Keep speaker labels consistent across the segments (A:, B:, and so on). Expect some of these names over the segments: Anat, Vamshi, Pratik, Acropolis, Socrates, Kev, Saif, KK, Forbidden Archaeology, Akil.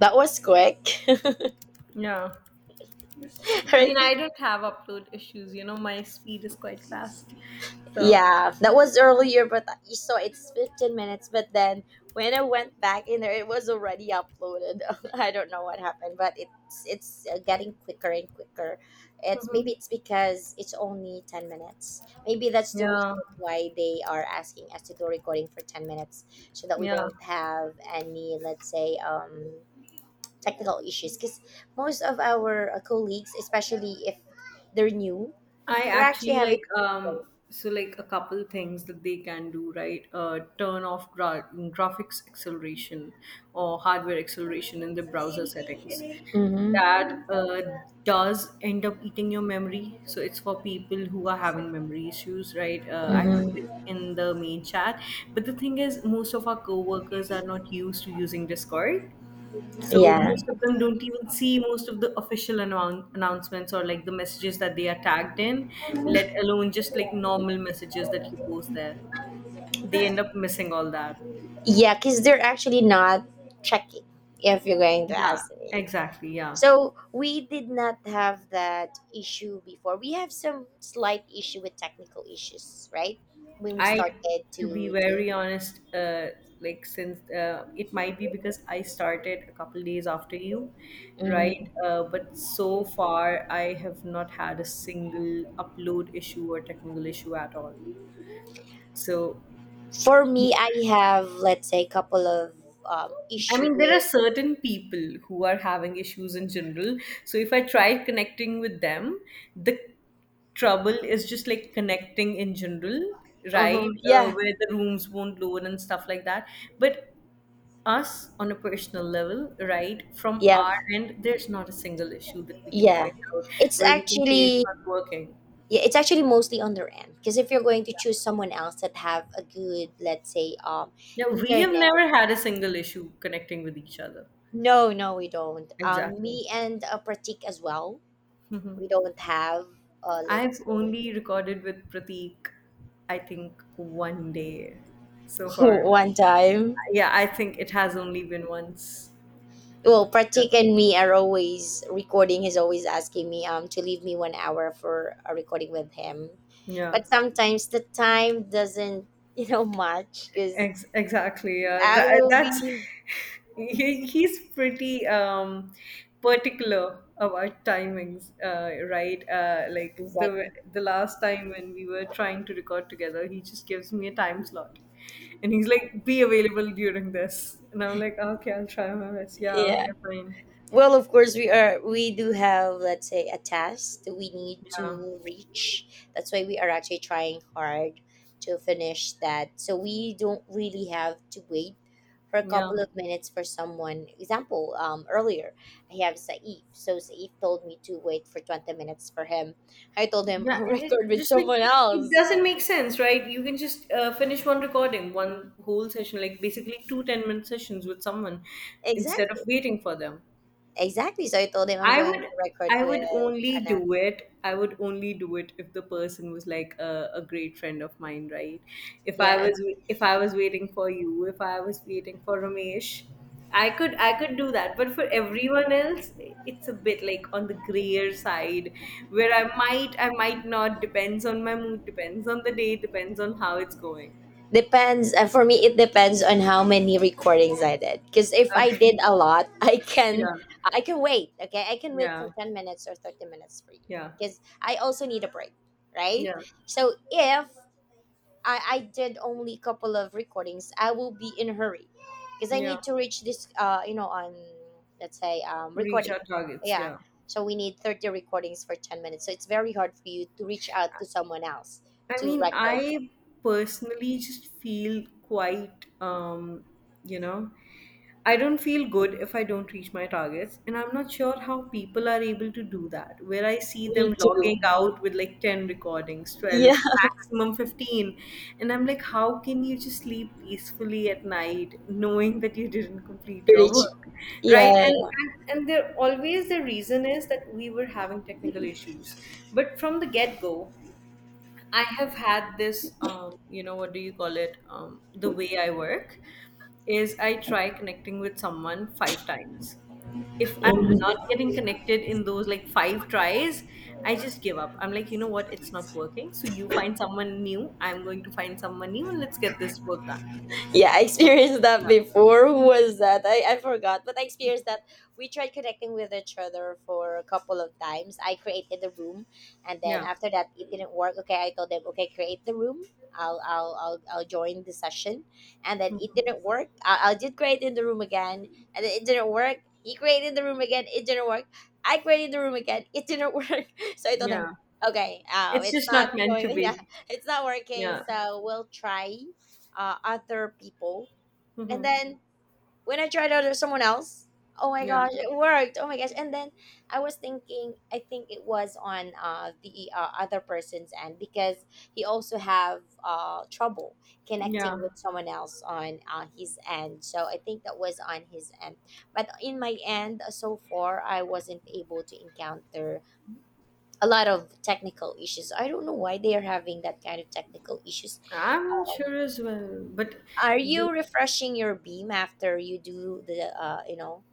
A: That was quick,
B: Yeah. I mean,
A: right?
B: I don't have upload issues. You know, my speed is quite fast. So.
A: Yeah, that was earlier, but you saw it's 15 minutes. But then when I went back in there, it was already uploaded. I don't know what happened, but it's getting quicker and quicker. It's
B: Mhm.
A: maybe it's because it's only 10 minutes. Maybe that's the
B: Yeah,
A: reason why they are asking us to do recording for 10 minutes so that we
B: yeah.
A: don't have any, let's say, technical issues. Because most of our colleagues, especially if they're new.
B: I
A: They're actually
B: actually
A: having.
B: like so like a couple things that they can do, right? Turn off graphics acceleration or hardware acceleration in the browser settings
A: Mm-hmm.
B: that does end up eating your memory, so it's for people who are having memory issues, right? I put it
A: Mm-hmm.
B: in the main chat, but the thing is most of our coworkers are not used to using Discord, so
A: Yeah.
B: most of them don't even see most of the official announcements or like the messages that they are tagged in, let alone just like normal messages that you post there. They end up missing all that.
A: Yeah, because they're actually not checking, if you're going to
B: Yeah,
A: ask me.
B: exactly. Yeah.
A: So we did not have that issue before. We have some slight issue with technical issues, right? When we
B: I,
A: started
B: to be
A: to do.
B: very honest, like since it might be because I started a couple days after you,
A: Mhm.
B: right? But so far, I have not had a single upload issue or technical issue at all. So
A: For me, I have, let's say, a couple of
B: I
A: issue
B: mean, there are
A: with.
B: certain people who are having issues in general. So if I try connecting with them, the trouble is just like connecting in general, right?
A: Uh-huh. Yeah.
B: Where the rooms won't load and stuff like that. But us on a personal level, right? From
A: Yeah.
B: our end, there's not a single issue that we can
A: Yeah.
B: point out
A: It's
B: where we can say it's
A: actually.
B: not working.
A: Yeah, it's actually mostly on their end because if you're going to choose someone else that have a good, let's say,
B: Yeah, we have never
A: internet.
B: had a single issue connecting with each other.
A: No, no, we don't.
B: Exactly.
A: Me and Pratik as well. We don't have.
B: I've
A: Let's say
B: only recorded with Pratik, I think, one day so far.
A: one time.
B: Yeah, I think it has only been once.
A: Well,
B: Yeah.
A: Pratik and me are always recording. He's always asking me to leave me 1 hour for a recording with him,
B: Yeah.
A: but sometimes the time doesn't match because
B: Exactly. Yeah.
A: I
B: That,
A: will
B: that's
A: be.
B: he's pretty particular about timings, right? Like
A: He's like,
B: the last time when we were trying to record together, he just gives me a time slot. And he's like, be available during this. And I'm like, okay, I'll try my best. Yeah,
A: yeah.
B: okay, fine.
A: Well, of course we do have, let's say, a task that we need
B: Yeah,
A: to reach. That's why we are actually trying hard to finish that. So we don't really have to wait for a
B: yeah,
A: couple of minutes for someone. Example, earlier I have Saif. So Saif told me to wait for 20 minutes for him. I told him
B: yeah,
A: I'll
B: and it
A: record
B: it
A: with
B: just like
A: someone
B: it
A: else.
B: doesn't make sense, right? You can just finish one recording, one whole session, like basically two 10-minute sessions with someone instead of
A: Exactly.
B: waiting for them.
A: Exactly. So I told him I'm
B: I
A: going
B: would
A: to record
B: I would
A: with
B: only
A: Anat.
B: do it. I would only do it if the person was like a great friend of mine, right? If I
A: Yeah.
B: was if I was waiting for you, if I was waiting for Ramesh, I could do that. But for everyone else, it's a bit like on the grayer side where I might not, depends on my mood, depends on the day, depends on how it's going.
A: Depends. For me, it depends on how many recordings I did. Because if I
B: Okay.
A: did a lot, I can
B: Yeah.
A: I can wait. Okay, I can wait for
B: Yeah.
A: 10 minutes or 30 minutes for you.
B: Yeah.
A: Because I also need a break, right?
B: Yeah.
A: So if I did only a couple of recordings, I will be in a hurry because I
B: Yeah.
A: need to reach this. You know, on let's say
B: Reach our
A: recording.
B: targets,
A: Yeah.
B: yeah.
A: So we need 30 recordings for 10 minutes. So it's very hard for you to reach out to someone else
B: I
A: to
B: mean,
A: record.
B: I personally just feel quite, you know, I don't feel good if I don't reach my targets. And I'm not sure how people are able to do that, where I see
A: Me
B: them logging
A: too.
B: out with like 10 recordings, 12,
A: Yeah.
B: maximum 15. And I'm like, how can you just sleep peacefully at night knowing that you didn't complete your work? Right.
A: Yeah.
B: And,
A: Yeah,
B: and, and there always the reason is that we were having technical issues. But from the get go, I have had this, you know, what do you call it? The way I work is I try connecting with someone 5 times. If I'm not
A: mhm.
B: getting connected in those like 5 tries, I just give up. I'm like, you know what? It's not working. So you find someone new. I'm going to find someone new and let's get this work done.
A: Yeah, I experienced that
B: Yeah.
A: before. Who was that? I forgot, but I experienced that. We tried connecting with each other for a couple of times. I created the room, and then
B: Yeah.
A: after that, it didn't work. Okay, I told them, okay, create the room. I'll join the session, and then it didn't work. I did create in the room again, and then it didn't work. He created the room again. It didn't work. I created the room again. It didn't work. So I told them,
B: Yeah.
A: okay,
B: It's
A: it's
B: just
A: not
B: not meant to
A: going. Yeah,
B: be.
A: it's not working.
B: Yeah.
A: So we'll try other people. And
B: Hmm.
A: then when I tried out with someone else, oh my
B: Yeah.
A: gosh, it worked. Oh my gosh. And then I was thinking, I think it was on the other person's end because he also have trouble
B: Yeah.
A: connecting with someone else on his end. So I think that was on his end. But in my end, so far, I wasn't able to encounter a lot of technical issues. I don't know why they are having that kind of technical issues.
B: I'm sure as well. But
A: Are
B: th-
A: you refreshing your beam after you do the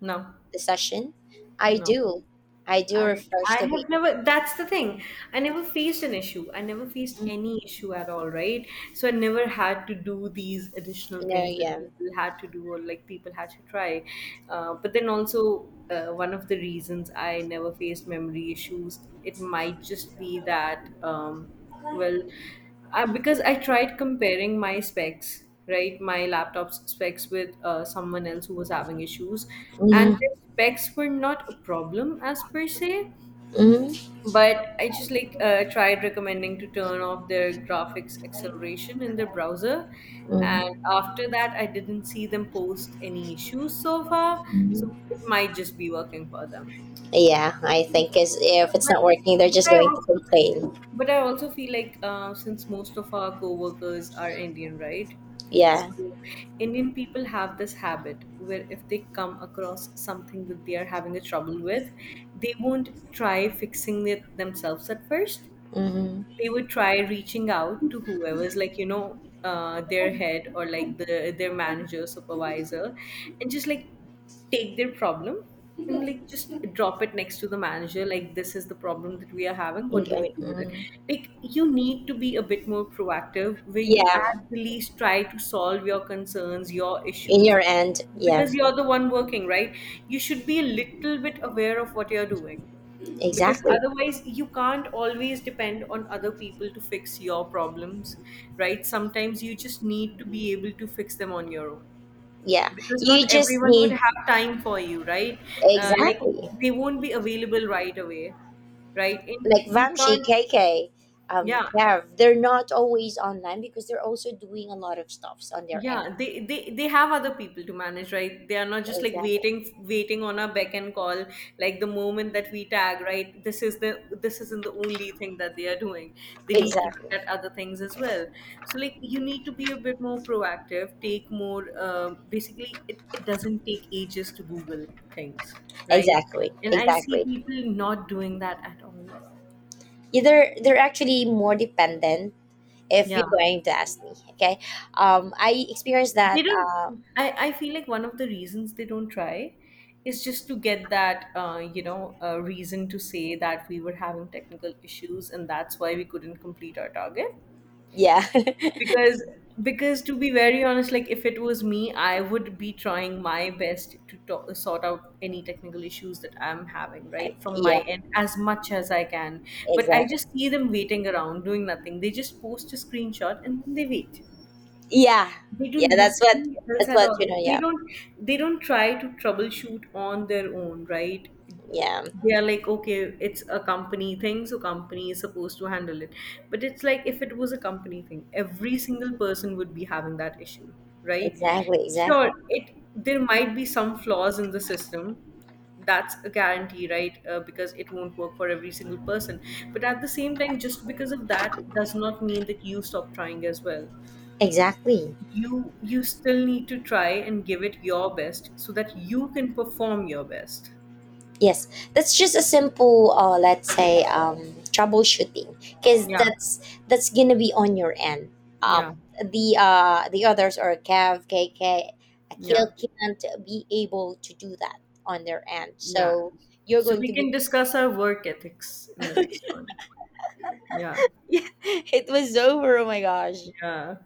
B: no,
A: the session? I
B: no.
A: do, I do
B: I
A: refresh the
B: have
A: beam.
B: never, that's the thing. I never faced an issue. I never faced
A: You
B: any issue at all, right? So I never had to do these additional
A: know,
B: things that
A: yeah.
B: people had to do or like people had to try. But then also one of the reasons I never faced memory issues, it might just be that well because I tried comparing my specs, right, my laptop's specs with someone else who was having issues, and
A: Hmm.
B: their specs were not a problem as per se.
A: Hmm.
B: But I just like tried recommending to turn off their graphics acceleration in their browser, and after that, I didn't see them post any issues so far. So
A: Hmm.
B: it might just be working for them.
A: Yeah, I think is if it's
B: But
A: not working, they're
B: but
A: just
B: I
A: going to
B: also
A: complain.
B: but I also feel like since most of our coworkers are Indian, right?
A: Yeah.
B: So Indian people have this habit where if they come across something that they are having a trouble with, they won't try fixing it themselves at first.
A: Hmm.
B: They would try reaching out to whoever's like, you know, their head or like their manager, supervisor, and just like take their problem and like just drop it next to the manager like, this is the problem that we are having, what do we do with it?
A: Hmm.
B: Like, you need to be a bit more proactive, where you
A: Yeah,
B: at the least try to solve your concerns, your
A: in
B: issues,
A: your end. Yeah,
B: because you're the one working, right? You should be a little bit aware of what you're doing, because
A: exactly.
B: otherwise you can't always depend on other people to fix your problems, right? Sometimes you just need to be able to fix them on your own,
A: Yeah,
B: because
A: you
B: not
A: just
B: everyone would
A: need
B: have time for you, right? Like
A: exactly.
B: they won't be available right away, right? And
A: Like
B: you
A: Vamshi,
B: can't.
A: KK,
B: Yeah,
A: Kev, they're not always online because they're also doing a lot of stuffs on their end.
B: yeah they have other people to manage, right? They are not just like
A: Exactly.
B: waiting on a beck and call, like the moment that we tag, right? This isn't the only thing that they are doing. They need to
A: Exactly.
B: look at other things as well. So like you need to be a bit more proactive, take more. Basically, it doesn't take ages to Google things, right?
A: Exactly.
B: And I see
A: Exactly.
B: people not doing that at all.
A: Yeah, they're actually more dependent if
B: Yeah,
A: you're going to ask me. Okay. I experienced
B: they
A: that.
B: don't. I feel like one of the reasons they don't try is just to get that you know, reason to say that we were having technical issues, and that's why we couldn't complete our target.
A: Yeah.
B: because because to be very honest, like if it was me, I would be trying my best to talk, sort out any technical issues that I'm having, right? From my
A: Yeah.
B: end, as much as I can. But I
A: Exactly.
B: just see them waiting around doing nothing. They just post a screenshot, and then they wait.
A: Yeah.
B: They do
A: Yeah. That's what.
B: nothing else
A: That's
B: at
A: what,
B: all.
A: you know. Yeah.
B: They don't try to troubleshoot on their own, right?
A: Yeah.
B: They are like, okay, it's a company thing, so company is supposed to handle it. But it's like, if it was a company thing, every single person would be having that issue, right?
A: Exactly.
B: Sure,
A: Exactly.
B: it there might be some flaws in the system, that's a guarantee, right? Because it won't work for every single person, but at the same time, just because of that does not mean that you stop trying as well.
A: Exactly.
B: You still need to try and give it your best, so that you can perform your best.
A: Yes, that's just a simple, let's say, troubleshooting, because
B: Yeah.
A: that's gonna be on your end.
B: Yeah.
A: The others are Kev, K K,
B: Yeah.
A: Akil can't be able to do that on their end.
B: Yeah.
A: So you're
B: So
A: going
B: we
A: to be.
B: can discuss our work ethics in the next one. Yeah.
A: Yeah, it was over. Oh my gosh.
B: Yeah.